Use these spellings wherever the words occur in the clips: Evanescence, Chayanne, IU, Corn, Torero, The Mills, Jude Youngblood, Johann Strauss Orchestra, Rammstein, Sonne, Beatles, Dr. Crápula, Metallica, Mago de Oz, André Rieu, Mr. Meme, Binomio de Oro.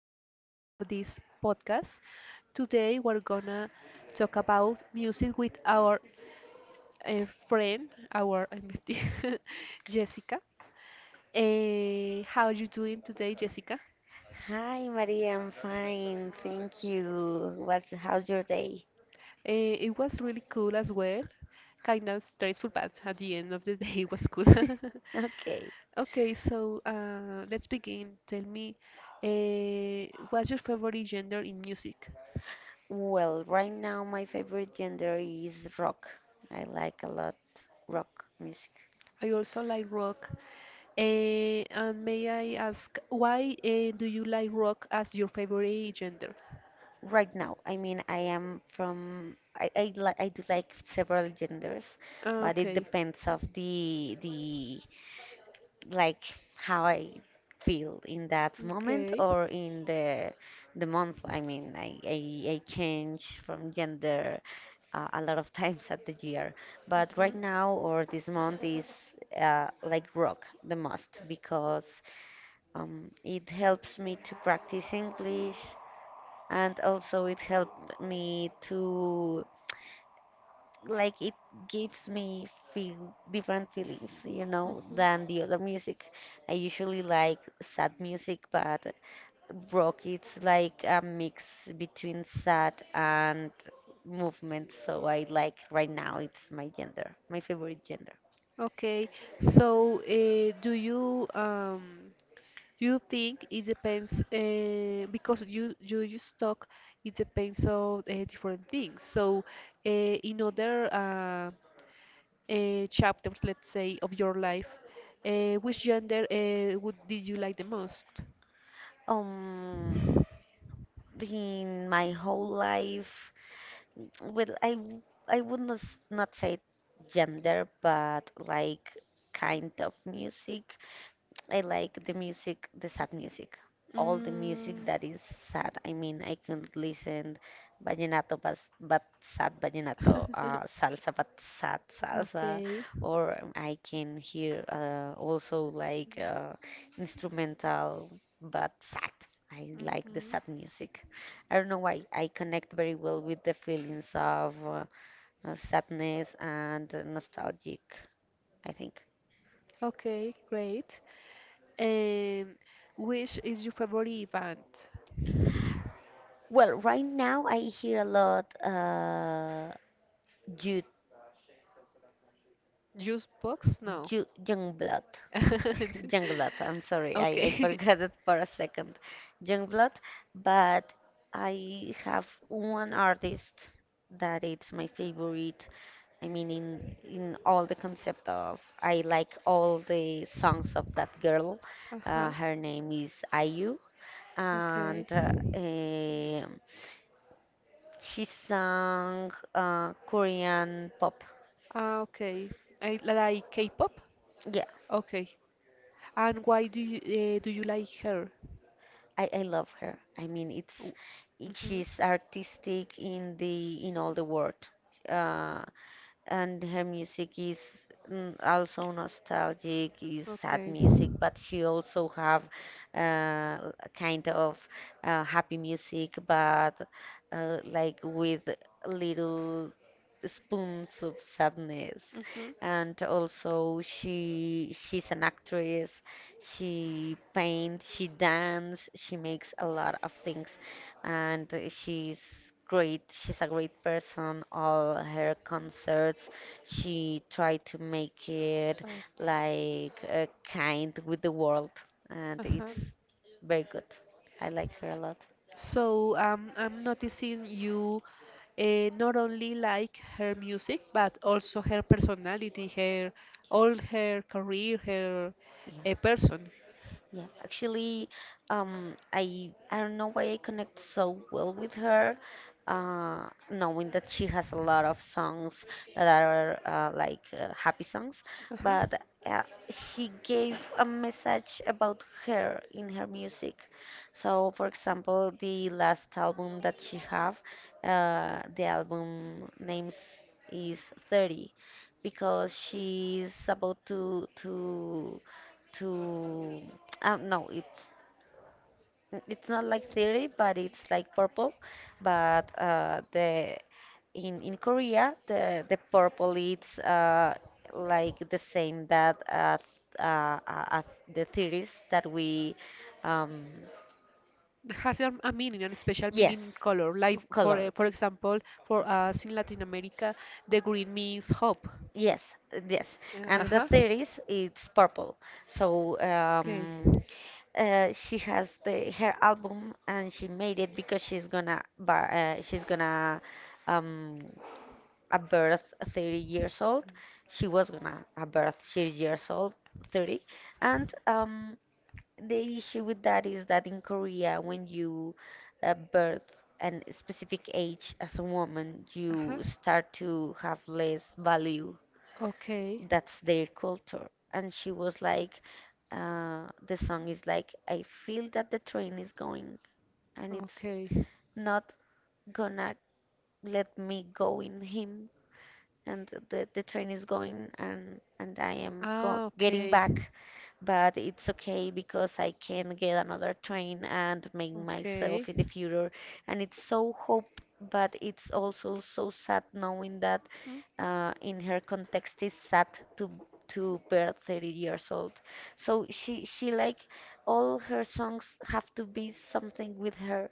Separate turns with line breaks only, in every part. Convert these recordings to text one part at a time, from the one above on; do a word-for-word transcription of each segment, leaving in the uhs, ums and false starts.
chapter of this podcast. Today, we're gonna talk about music with our uh, friend, our Jessica. Eh, how are you doing today, Jessica?
Hi, Maria. I'm fine. Thank you. What's how's your day?
Eh, it was really cool as well. Kind of stressful, but at the end of the day, it was cool.
Okay.
Okay, so uh, let's begin. Tell me, uh, what's your favorite genre in music?
Well, right now my favorite genre is rock. I like a lot rock music.
I also like rock. Eh, and may I ask, why eh, do you like rock as your favorite genre?
Right now, I mean, I am from I I, li I do like several genders, but it
Okay.
depends of the the like how I feel in that moment
Okay.
or in the the month. I mean, I I, I change from gender uh, a lot of times at the year. But right
Mhm.
now or this month is uh, like rock the most because um, it helps me to practice English and also it helped me to like it gives me feel different feelings, you know,
Mhm.
than the other music. I usually like sad music, but rock it's like a mix between sad and movement, so I like right now it's my gender, my favorite gender.
Okay, so uh, do you um you think it depends uh, because you you just talk it depends on uh, different things. So uh, in other uh, uh, chapters, let's say, of your life, uh, which gender uh, would did you like the most?
um in my whole life, well, i w- I would not s- not say gender but like kind of music. I like the music, the sad music, all the music
Mm.
that is sad. I mean, I can listen vallenato, but, but sad vallenato, uh, salsa, but sad salsa,
Okay.
or I can hear uh, also like uh, instrumental, but sad. I like the sad music. I don't know why. I connect very well with the feelings of uh, uh, sadness and nostalgic, I think.
Okay, great. And which is your favorite event?
Well, right now I hear a lot uh Jude,
Juice box? No.
Jude Youngblood. Youngblood, I'm sorry. I, I
Okay.
forgot it for a second. Youngblood, but I have one artist that it's my favorite. I mean in in all the concept of I like all the songs of that girl.
Uh-huh.
Uh, her name is I U,
Okay.
and uh, um, she sang uh, Korean pop.
Ah, okay. I like K-pop?
Yeah,
Okay. And why do you uh, do you like her?
I, I love her. I mean, it's it,
Mm-hmm.
she's artistic in the in all the world. Uh, and her music is mm, also nostalgic, is sad
Okay.
music,
Mhm.
but she also have uh, a kind of uh, happy music, but uh, like with little spoons of sadness. And also she she's an actress, she paints, she dances, she makes a lot of things, and she's great. She's a great person. All her concerts, she tried to make it
Okay.
like uh, kind with the world, and
Uh-huh.
it's very good. I like her a lot.
So um, I'm noticing you, uh, not only like her music, but also her personality, her all her career, her
Yeah.
uh, person.
Yeah, actually, um, I I don't know why I connect so well with her, uh, knowing that she has a lot of songs that are uh, like uh, happy songs,
Uh-huh.
but uh, she gave a message about her in her music. So, for example, the last album that she have, uh, the album names is thirty, because she's about to to to uh, no, it's it's not like theory but it's like purple. But uh, the, in in Korea the the purple it's uh, like the same that uh, th- uh, uh, uh, the theories that we. um,
has a, a meaning and a special
yes,
meaning color. Like for uh,
color.
for example, for us in Latin America, the green means hope.
Yes, yes.
Uh,
And the
uh-huh.
theories it's purple. so
Okay.
um, Uh, she has the her album and she made it because she's gonna bu- uh, she's gonna um a birth thirty years old. She was gonna a birth thirty years old, thirty. And um The issue with that is that in Korea when you uh, birth an specific age as a woman,
Uh-huh.
you start to have less value.
Okay.
That's their culture. And she was like, uh, the song is like, I feel that the train is going and it's
Okay.
not gonna let me go in him. And the, the train is going, and, and I am go
Ah,
getting
okay.
back, but it's okay because I can get another train and make myself
Okay.
in the future. And it's so hope, but it's also so sad knowing that
Mhm.
uh, in her context is sad to to be thirty years old. So she she like all her songs have to be something with her,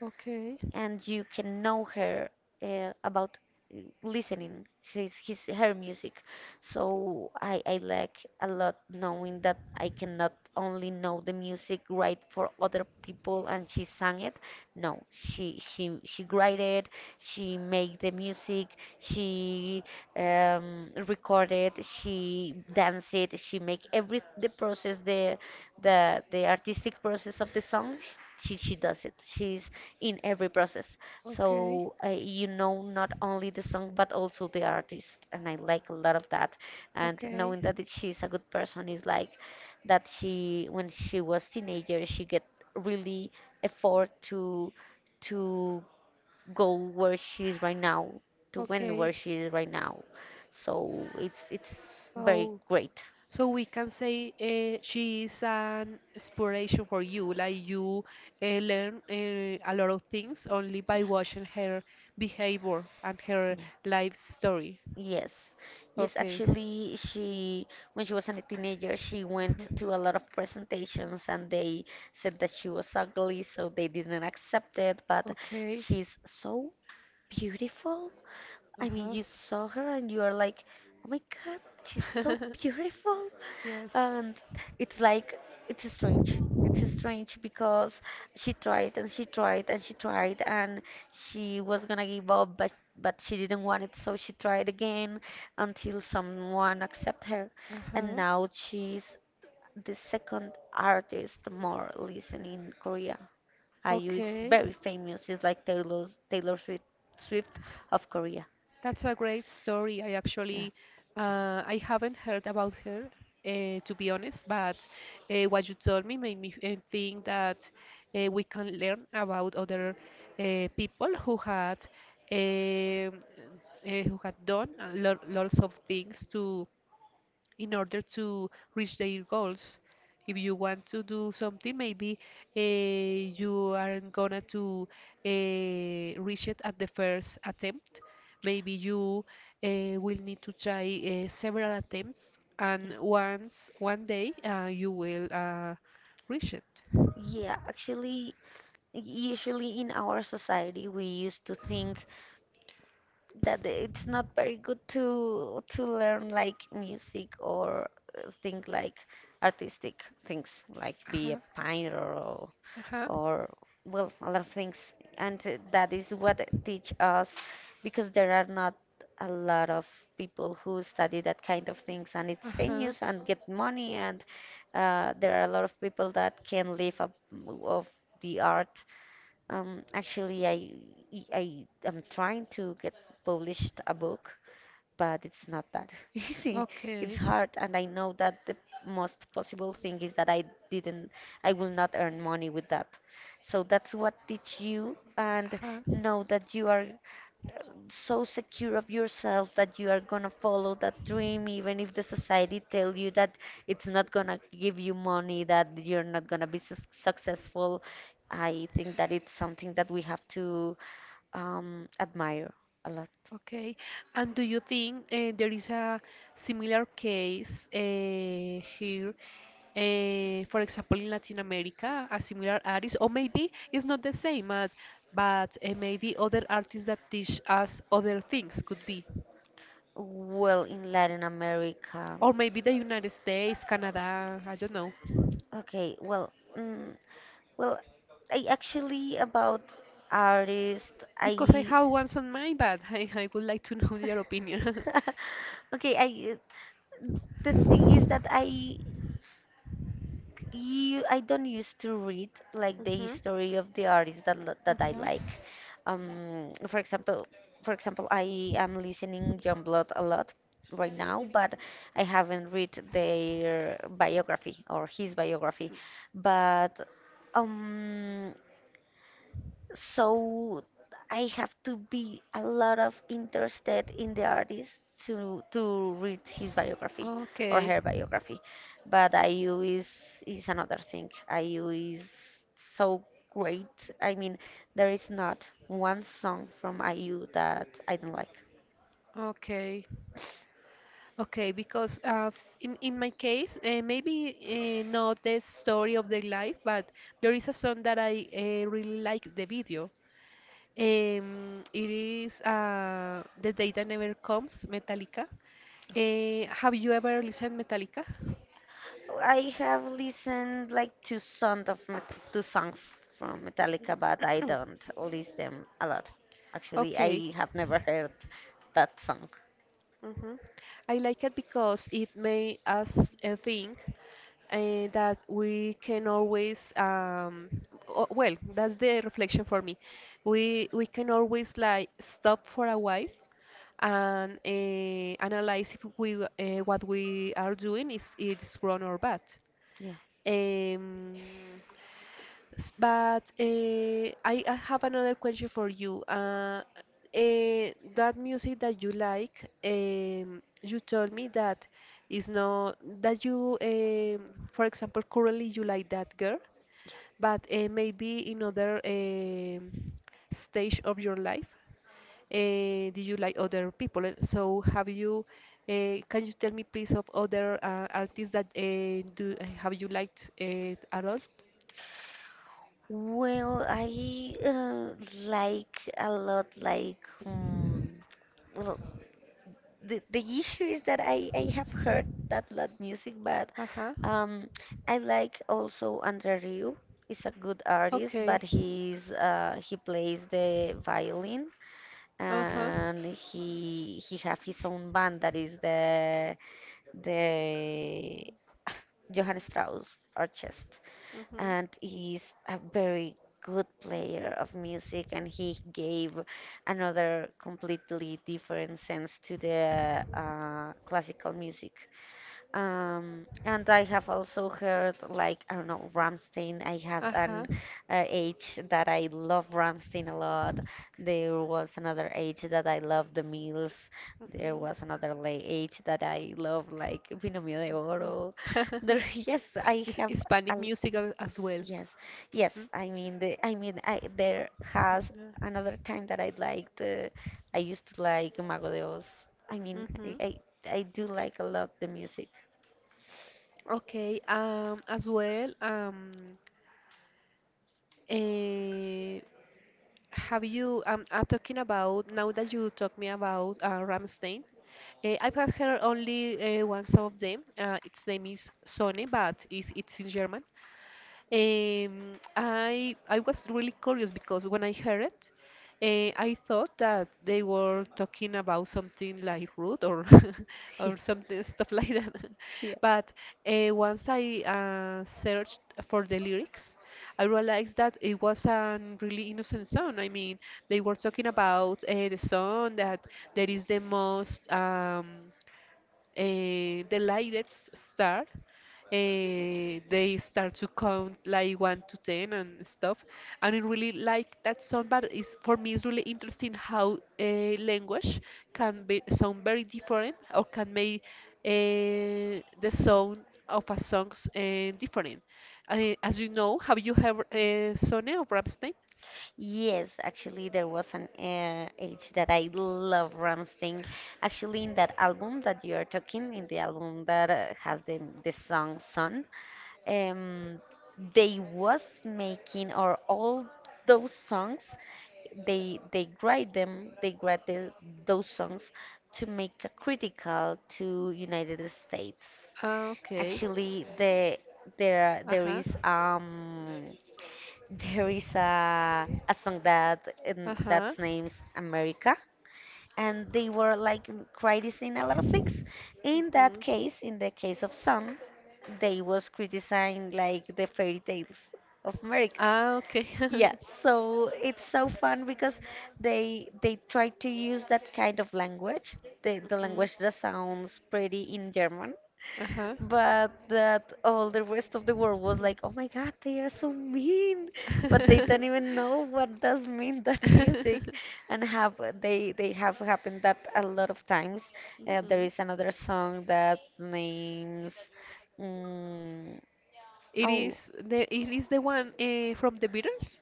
Okay.
and you can know her uh, about uh, listening his, his her music. So I, I like a lot knowing that I cannot only know the music right for other people and she sang it. No, she she she wrote, she made the music, she um, recorded, she danced, she make every the process, the the the artistic process of the song. Sh- she she does it, she's in every process.
Okay.
So uh, you know, not only the song but also the artist, and I like a lot of that. And
Okay.
knowing that it- she's a good person is like that she, when she was teenager, she get really effort to to go where she is right now, to win
Okay.
where she is right now. So it's it's very
So,
great.
so we can say uh, she is an inspiration for you. Like you uh, learn uh, a lot of things only by watching her behavior and her
Yeah.
life story.
Yes, yes,
Okay.
actually, she, when she was a teenager, she
Uh-huh.
went to a lot of presentations and they said that she was ugly, so they didn't accept it. But
Okay.
she's so beautiful. I mean,
Uh-huh.
you saw her and you are like, oh my God, she's so beautiful.
Yes.
And it's like, it's strange, it's strange, because she tried and she tried and she tried, and she was gonna give up, but but she didn't want it, so she tried again until someone accept her. And
Uh-huh.
now she's the second artist more listened in Korea. IU is
Okay.
very famous. It's like taylor Taylor Swift swift of Korea.
That's a great story. I
Yeah.
actually, uh, I haven't heard about her, uh, to be honest, but uh, what you told me made me uh, think that uh, we can learn about other uh, people who had, um, uh, who had done a lot, lots of things to in order to reach their goals. If you want to do something, maybe uh, you aren't gonna to uh, reach it at the first attempt. Maybe you uh, will need to try uh, several attempts,
Yeah.
and once one day uh, you will uh, reach it.
Yeah, actually, usually in our society, we used to think that the- it's not very good to to learn like music or uh, think like artistic things like be a painter or
Uh-huh.
or well a lot of things, and uh, that is what it teach us, because there are not a lot of people who study that kind of things and it's
Uh-huh. Uh-huh.
famous and get money. And uh, there are a lot of people that can live up of the art. Um, actually, I I am trying to get published a book, but it's not that easy. It's
Okay.
hard, and I know that the most possible thing is that I didn't, I will not earn money with that. So that's what teach you, and
Huh.
know that you are so secure of yourself that you are gonna follow that dream even if the society tell you that it's not gonna give you money, that you're not gonna be sus successful. I think that it's something that we have to um, admire a lot.
Okay. And do you think uh, there is a similar case uh, here, uh, for example, in Latin America, a similar artist, or maybe it's not the same, but, but uh, maybe other artists that teach us other things could be.
Well, in Latin America,
Or maybe the United States, Canada, I don't know.
okay, well, mm, well, I actually, about artist,
Because I
I
have ones on mind, but I, I would like to know your opinion.
okay, I, the thing is that I you I don't used to read like the
Hmm.
history of the artists that lo- that I
Hmm.
like. Um, for example, for example, I am listening Youngblood a lot right now, but I haven't read their biography or his biography. But um, so I have to be a lot of interested in the artist to to read his biography or
Okay.
her biography. But I U is is another thing. I U is so great. I mean, there is not one song from I U that I don't like.
Okay. Okay, because uh, in in my case, uh, maybe uh, not the story of their life, but there is a song that I uh, really like the video. Um, it is uh, The Day That Never Comes, Metallica. Eh, have you ever listened Metallica?
I have listened like two songs of Met- two songs from Metallica, but I don't list them a lot. Actually,
Okay.
I have never heard that song.
Hmm. I like it because it made us uh, think uh, that we can always, um, o- well, that's the reflection for me. We we can always like stop for a while and uh, analyze if we uh, what we are doing is is wrong or bad.
Yeah.
Um, S- But uh, I, I have another question for you. Uh, uh, that music that you like, um, you told me that is not that you, um, for example, currently you like that girl, but uh, maybe in other um stage of your life, uh, did you like other people? Uh, So have you? Uh, can you tell me please of other uh, artists that uh, do eh, have you liked uh, at all?
Well, I uh, like a lot, like, um, well, the, the issue is that I, I have heard that lot music, but
Uh-huh.
um, I like also Andre Rieu. He's a good artist,
Okay.
but he's uh, he plays the violin,
Uh huh.
and he he have his own band that is the the Johann Strauss Orchestra,
Mhm.
and he's a very good player of music, and he gave another completely different sense to the uh, classical music. Um, and I have also heard like I don't know Ramstein. I had
Uh huh.
an uh, age that I love Ramstein a lot. There was another age that I loved the Mills. There
Mhm.
was another la- age that I love like Binomio de Oro. There,
Mhm.
yes, I
His-
have.
Hispanic music a- as well.
Yes,
Hmm?
yes. I mean, the, I mean, I, there has another time that I liked. Uh, I used to like Mago de Oz. I mean, I,
Mm-hmm.
I, I do like a lot the music.
Okay. Um, as well, um, eh, have you? Um, I'm talking about now that you talk me about uh, Rammstein. Eh, I have heard only uh, one song of them. Uh, its name is Sonne, but it, it's in German. Um, I I was really curious because when I heard it, uh, I thought that they were talking about something like root or or something stuff like that.
See ya.
But uh, once I uh, searched for the lyrics, I realized that it was a really innocent song. I mean, they were talking about uh, the song that there is the most. Um, eh, the lightest star. eh, they start to count like one to ten and stuff, and I really like that song. But it's for me, it's really interesting how a language can be sound very different or can make uh, the sound of a songs uh, different. Uh, as you know, have you heard uh, Sonne of Rammstein?
Yes, actually, there was an uh, age that I love Ramstein. Actually, in that album that you are talking, in the album that uh, has the the song "Sun," um, they was making or all those songs, they they grade them, they grade the, those songs to make a critical to United States.
Ah, okay.
Actually, the there
Uh
there
huh.
is um there is a a song that um,
Uh huh.
that's names America, and they were like criticizing a lot of things. In that case, in the case of Sun, they was criticizing
Mhm.
like the fairy tales of America.
Ah, okay.
Yeah, so it's so fun because they they try to use that kind of language, the, the
Mhm.
language that sounds pretty in German,
Uh-huh.
but that all the rest of the world was like, oh my God, they are so mean, but they don't even know what does mean that music, and have they they have happened that a lot of times. Uh, there
Mhm.
is another song that names, mm,
It
oh
is the it is the one uh, from the Beatles.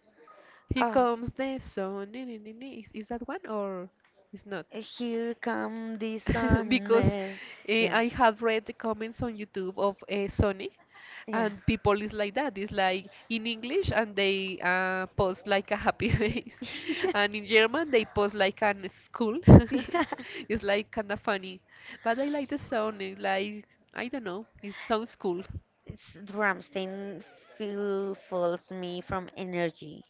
Here
oh,
comes the sun. Ni- ni- ni- ni. Is, is that one or is not?
here come the sun,
Because
eh,
uh,
yeah
I have read the comments on YouTube of uh, Sony,
yeah.
and people is like that. It's like in English, and they uh, post like a happy face, and in German they post like an school.
Yeah. yeah.
It's like kind of funny, but I like the sound. It's like I don't know. It sounds cool.
It's Rammstein feel, fills me from energy.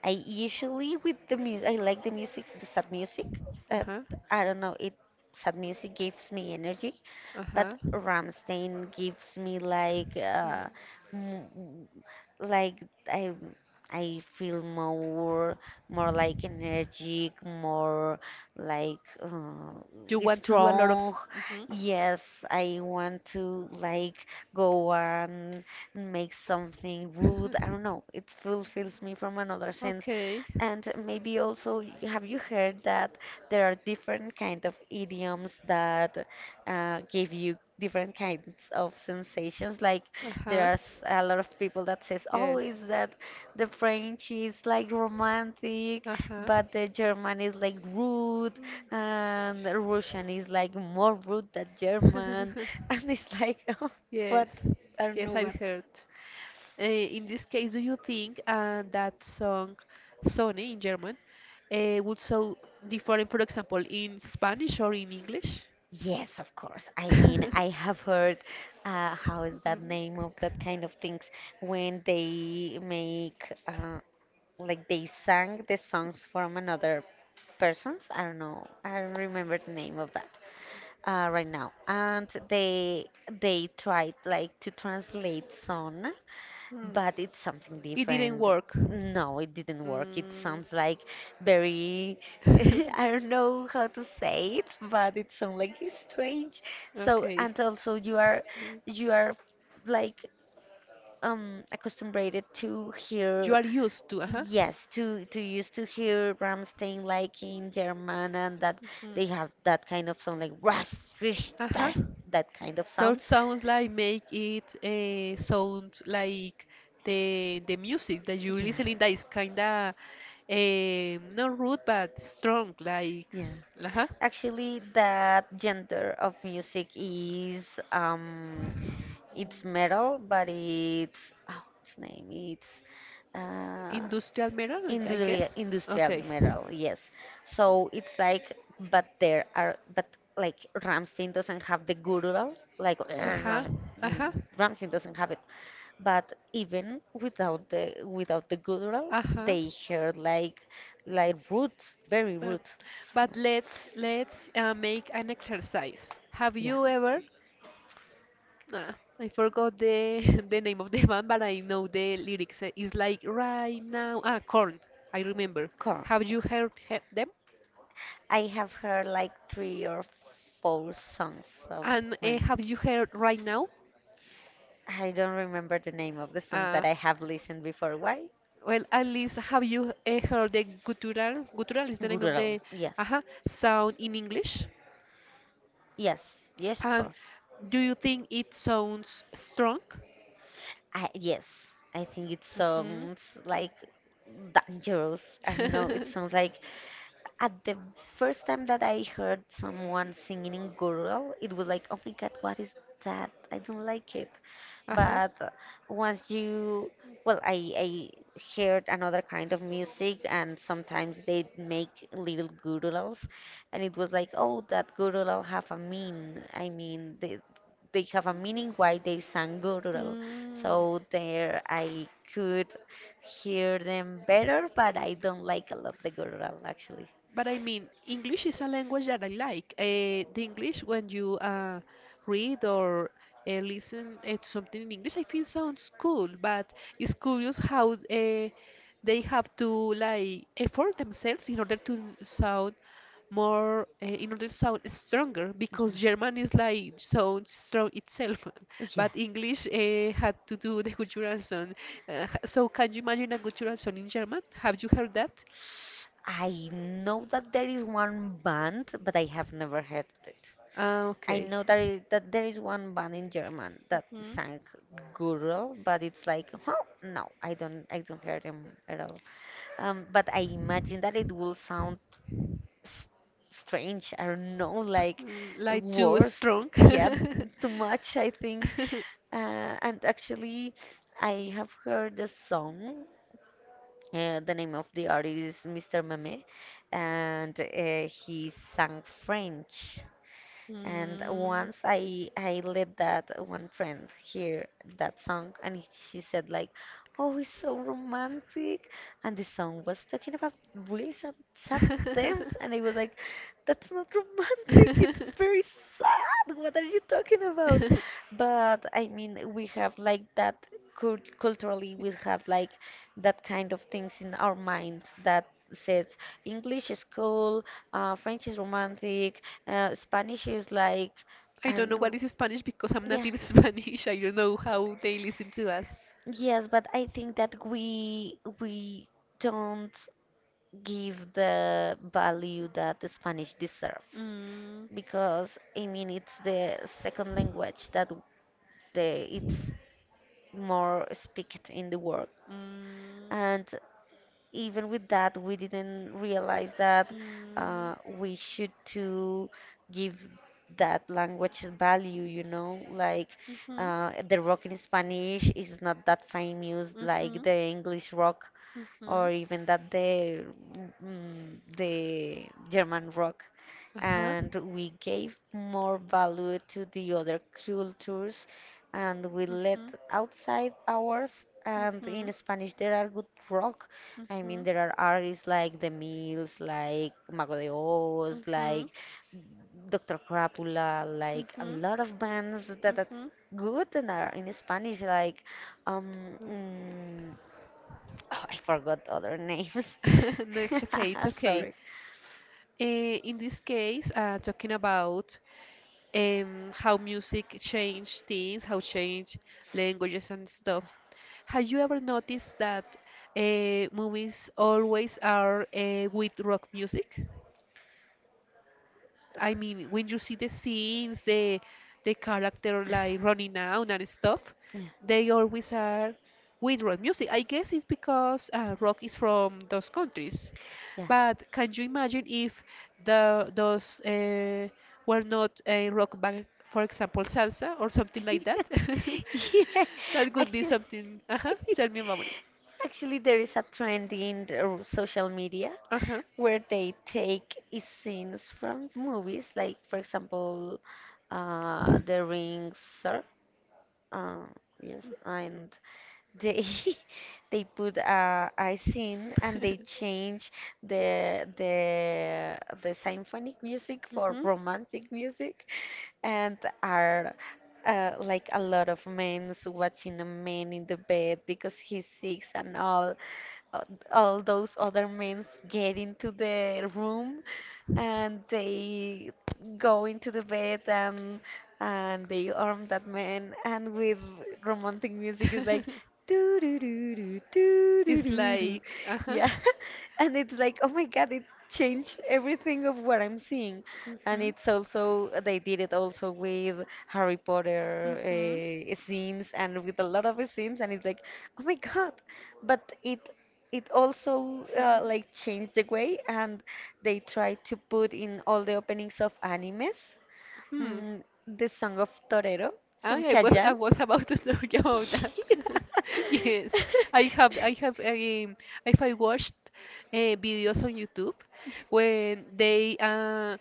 I usually with the music, I like the music, the sad music.
Uh
Uh,
huh.
I don't know, it sad music gives me energy,
Uh
but
huh.
Rammstein gives me like uh, like I I feel more more like energetic, more like uh,
You want to do a lot of.
strong. Yes, I want to like go and make something
Mm-hmm.
rude. I don't know. It fulfills me from another sense.
Okay.
And maybe also, y- have you heard that there are different kind of idioms that uh, give you different kinds of sensations? Like
Uh huh.
there's a lot of people that says, "Oh, is
Yes.
that the French is like romantic,
Uh-huh.
but the German is like rude, and the Russian is like more rude than German." And it's like, oh, what?
Yes.
I don't know
Yes, I've
what.
heard. Uh, in this case, do you think uh, that song Sonne in German uh, would sound different, for example, in Spanish or in English?
Yes, of course. I mean, I have heard uh, how is that name of that
Mm.
kind of things when they make uh, like they sang the songs from another persons. I don't know. I don't remember the name of that uh, right now, and they they tried like to translate son,
Hmm.
but it's something
It didn't
different.
work.
No, it didn't work. It
Mm.
sounds like very, I don't know how to say it, but it sounds like it's strange. So
Okay.
and also you are
Yeah.
you are like um accustomed to
You
hear.
are used to, uh huh.
Yes, to to used to hear Rammstein like in German, and that
Mhm.
they have that kind of sound like ras, rish,
Uh huh.
da, that kind of
Those
sounds.
sounds like make it uh, sound like the the music that you
Yeah,
listening that is kinda uh, not rude but strong, like
yeah.
uh
Actually, that gender of music is um, it's metal, but it's, oh, its name it's uh,
industrial metal, like, I
industrial
guess.
industrial
Okay.
metal, yes. So it's like, but there are but like Ramstein doesn't have the guttural, like
Uh huh. Uh
mm,
huh.
Ramstein doesn't have it, but even without the without the guttural
Uh huh.
they hear like like root, very
But
root. So,
but let's let's uh, make an exercise. Have
yeah,
you ever? Ah, I forgot the the name of the band, but I know the lyrics. Uh, It's like right now. Ah, Corn. I remember. Have
correct.
you
Okay.
heard he them?
I have heard like three or four songs of
And uh,
them.
have you heard right now?
I don't remember the name of the songs
Uh,
that I have listened before. Why?
well, at least have you uh, heard the guttural? Guttural is the name of
Gururel.
the
Yes.
uh sound in English.
Yes. Yes, of
And
course.
do you think it sounds strong?
I, yes. I think it
Mhm.
sounds like dangerous. I don't know. It sounds like, at the first time that I heard someone singing in Gurul, it was like, oh my god, what is that? I don't like it.
Uh-huh.
But uh, once you, well, I, I heard another kind of music, and sometimes they make little guruls, and it was like, oh, that gurul have a mean. I mean, they, they have a meaning why they sang gurul.
Mm.
So there, I could hear them better, but I don't like a lot the gurul actually.
But I mean, English is a language that I like. Uh, the English, when you uh, read or uh, listen uh, to something in English, I think sounds cool. But it's curious how uh, they have to like effort themselves in order to sound more, uh, in order to sound stronger because
Yeah.
German is like sounds strong itself,
Yeah.
but English uh, had to do the guttural sound. Uh, h- so can you imagine a guttural sound in German? Have you heard that?
I know that there is one band, but I have never heard it.
Ah,
I
okay.
know that, is, that there is one band in German that
Mhm.
sang Gurl, but it's like, huh, no, I don't, I don't hear them at all. Um, but I imagine that it will sound s strange. I don't know, like
Mm, like too
worst.
strong.
Yeah, too much, I think. Uh, and actually, I have heard the song. Uh, the name of the artist is mister Meme, and uh, he sang French. And
Mm.
once I I led that one friend hear that song, and she said like, oh, it's so romantic. And the song was talking about really sad, sad themes. And I was like, that's not romantic. It's very sad. What are you talking about? But I mean, we have like that cult culturally, we have like that kind of things in our mind that says English is cool, uh, French is romantic, uh, Spanish is like,
I
I
don't
don't
know what
know.
is Spanish because I'm
Yeah.
native Spanish. I don't know how they listen to us.
Yes, but I think that we we don't give the value that the Spanish deserve,
Mm.
because I mean it's the second language that the it's more speaked in the world,
Mm.
and even with that we didn't realize that uh, we should to give that language value, you know, like
Mm. Mhm.
uh, the rock in Spanish is not that famous like
Mhm.
the English rock,
Mhm.
or even that the mm, the German rock.
Uh-huh.
And we gave more value to the other cultures, and we
Mhm.
let outside ours. And
Mhm.
in Spanish, there are good rock. I mean,
Mhm.
there are artists like The Mills, like Mago de Oz,
Mhm.
like doctor Crápula, like a
Mhm.
lot of bands that are
Mhm.
good and are in Spanish, like um, mm, oh, I forgot other names.
No, it's okay. It's okay.
Sorry.
Uh, in this case, uh, talking about um, how music changed things, how change languages and stuff. Have you ever noticed that uh, movies always are uh, with rock music? I mean, when you see the scenes, the the character like running out and stuff,
Yeah,
they always are with rock music. I guess it's because uh, rock is from those countries.
yeah.
But can you imagine if the those uh, were not a rock band, for example, salsa or something like that?
Yeah,
That would be
actually,
something. Uh-huh. Tell me about it.
actually, there is a trend in the social media
Uh-huh.
where they take scenes from movies, like for example, uh, The Ring, sir. Uh, yes, and they they put uh, icing, and they change the the the symphonic music for
Mhm.
romantic music, and are uh, like a lot of men's watching a man in the bed because he's sick, and all uh, all those other men get into the room, and they go into the bed, and and they arm that man, and with romantic music is like doo doo doo doo doo doo
It's
doo doo,
like, uh huh.
yeah. And it's like, oh my god, it changed everything of what I'm seeing. And
Mhm.
it's also they did it also with Harry Potter
Mhm.
uh, scenes, and with a lot of scenes, and it's like, oh my god, but it it also uh, like changed the way, and they tried to put in all the openings of animes
Mm. Hmm.
mm, the song of Torero from
I, I was I
Chayanne.
was about to tell you about that. Yes, I have I have um, if I watched uh, videos on YouTube when they uh,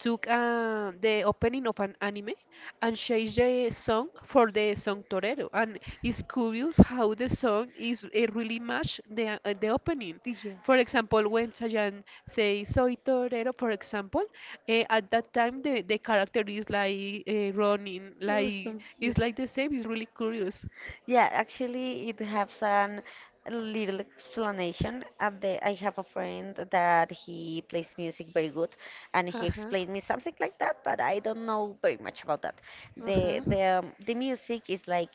took uh, the opening of an anime and change the song for the song Torero. And it's curious how the song is it really match the uh, the opening.
Yeah.
For example, when Chayanne says "Soy Torero," for example, eh, at that time the the character is like uh, running,
Or
like
something, yeah.
it's like the same. It's really curious.
Yeah, actually, it has an little explanation. At the, I have a friend that he plays music very good, and he
Uh huh.
explained me something like that, but I don't know very much about that.
Uh
The
huh.
the um, the music is like,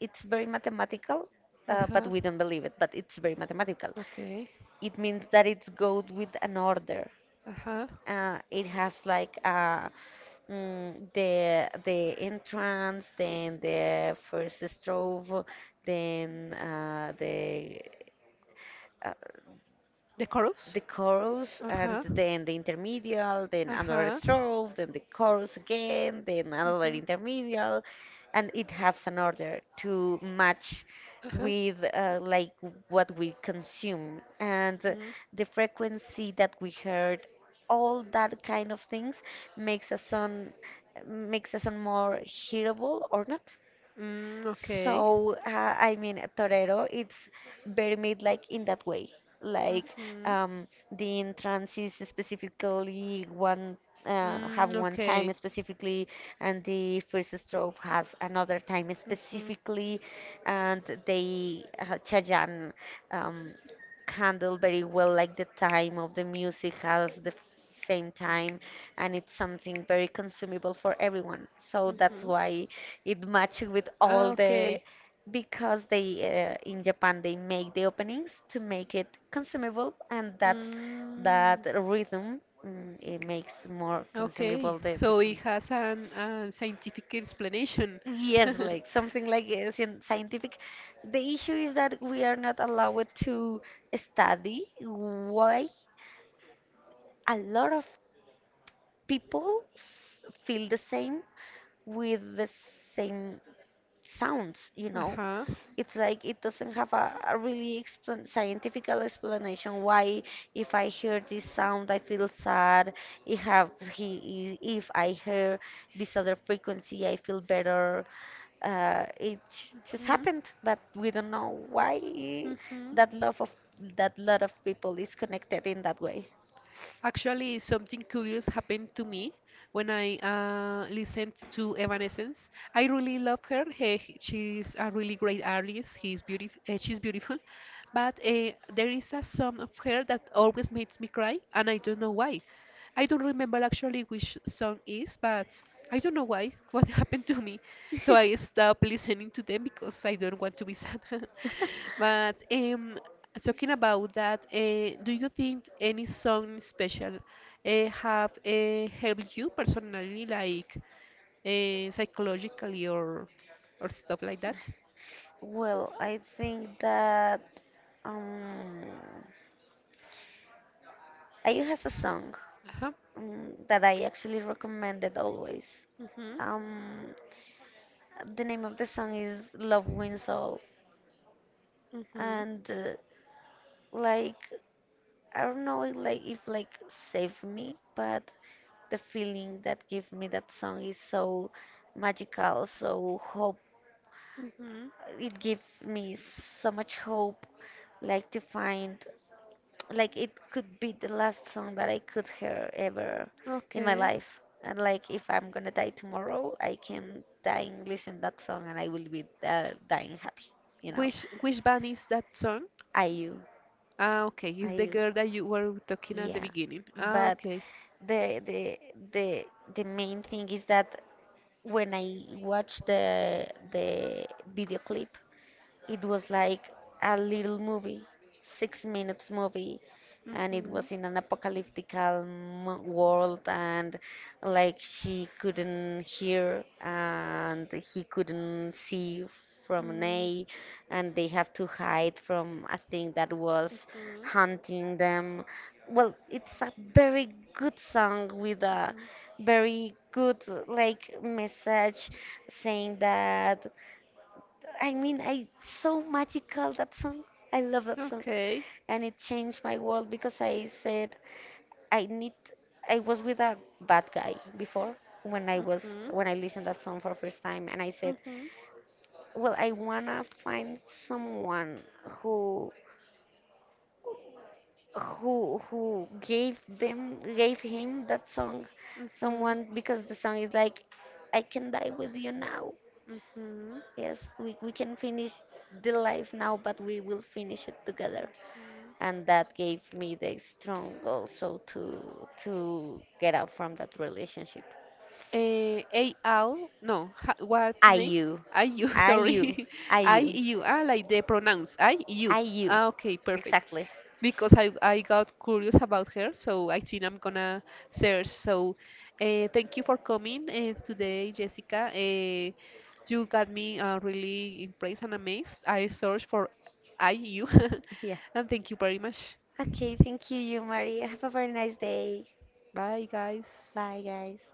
it's very mathematical,
Uh
uh, but
huh.
we don't believe it. But it's very mathematical.
Okay.
It means that it's go with an order.
Uh huh.
Uh, it has like uh, mm, the the entrance, then the first stove, then uh, the uh,
The chorus?
the chorus,
Uh
and
huh.
then the intermedial, then
Uh
another
huh.
strophe, then the chorus again, then another intermedial, and it has an order to match
Mhm.
with uh, like what we consume, and
Uh
uh,
huh.
the frequency that we heard, all that kind of things makes a song makes a song more hearable or not.
Mm, okay.
So, uh, I mean, torero, it's very made like in that way. Like
Mhm.
um, the entrance is specifically one uh, have
Mm,
one time
okay.
specifically, and the first strophe has another time
Mhm.
specifically, and they uh, Chayanne um, handle very well like the time of the music has the same time, and it's something very consumable for everyone. So that's
Mhm.
why. It matches with
Ah,
all the
okay.
because they uh, in Japan they make the openings to make it consumable, and that's
Mm,
that rhythm. mm, It makes more
okay.
consumable the, the
So it
song.
has an, a scientific explanation.
Yes, like something like uh, scien- scientific. The issue is that we are not allowed to study why a lot of people s- feel the same with the same sounds, you know.
Uh-huh.
It's like it doesn't have a, a really explan scientific explanation why if I hear this sound I feel sad. If have he i- if I hear this other frequency I feel better. Uh, it j- just
Mhm.
happened, but we don't know why
Mhm.
that love of that lot of people is connected in that way.
Actually, something curious happened to me when I uh, listened to Evanescence. I really love her. He, she's a really great artist. He's beautiful. Uh, she's beautiful. But uh, there is a song of her that always makes me cry, and I don't know why. I don't remember actually which song is, but I don't know why, what happened to me. So I stopped listening to them because I don't want to be sad. But um, talking about that, uh, do you think any song special uh, have uh, helped you personally, like uh, psychologically or or stuff like that?
Well, I think that um, I has a song
Uh-huh.
um, that I actually recommended always.
Mhm.
Um, The name of the song is Love Wins All,
Mhm.
and uh, like I don't know, it, like if like save me, but the feeling that give me that song is so magical, so hope.
Mhm.
It give me so much hope, like to find, like it could be the last song that I could hear ever in my
Okay.
life. And like if I'm gonna die tomorrow, I can die and listen that song, and I will be uh, dying happy, you know.
Which which band is that song?
I U.
Ah, okay, it's the
I
girl that you were talking at the
Yeah,
beginning. Ah,
but
okay.
the the the the main thing is that when I watch the the video clip, it was like a little movie, six minutes movie, and it
Mhm.
was in an apocalyptic um, world, and like she couldn't hear and he couldn't see from
Mm,
an
mhm.
A, and they have to hide from a thing that was
Mhm.
hunting them. Well, it's a very good song with a very good like message saying that, I mean, I so magical that song. I love that song,
Okay.
and it changed my world because I said I need. I was with a bad guy before when I was
Ujú,
when I listened that song for first time, and I said,
ujú,
well, I wanna find someone who who who gave them gave him that song,
ujú,
someone, because the song is like, I can die with you now.
ujú,
Yes, we we can finish the life now, but we will finish it together,
ujú.
and that gave me the strong also to to get out from that relationship.
Uh, A L, no, ha, what's the
I
name?
you,
I U,
I you,
sorry.
I you,
I U, ah, like the pronouns. I U.
I you,
Ah, okay, perfect.
exactly.
Because I, I got curious about her, so I think I'm gonna search. So, uh, thank you for coming uh, today, Jessica. Uh, you got me uh, really impressed and amazed. I searched for I U,
Yeah.
and thank you very much.
Okay, thank you, you Maria. Have a very nice day.
Bye, guys.
Bye, guys.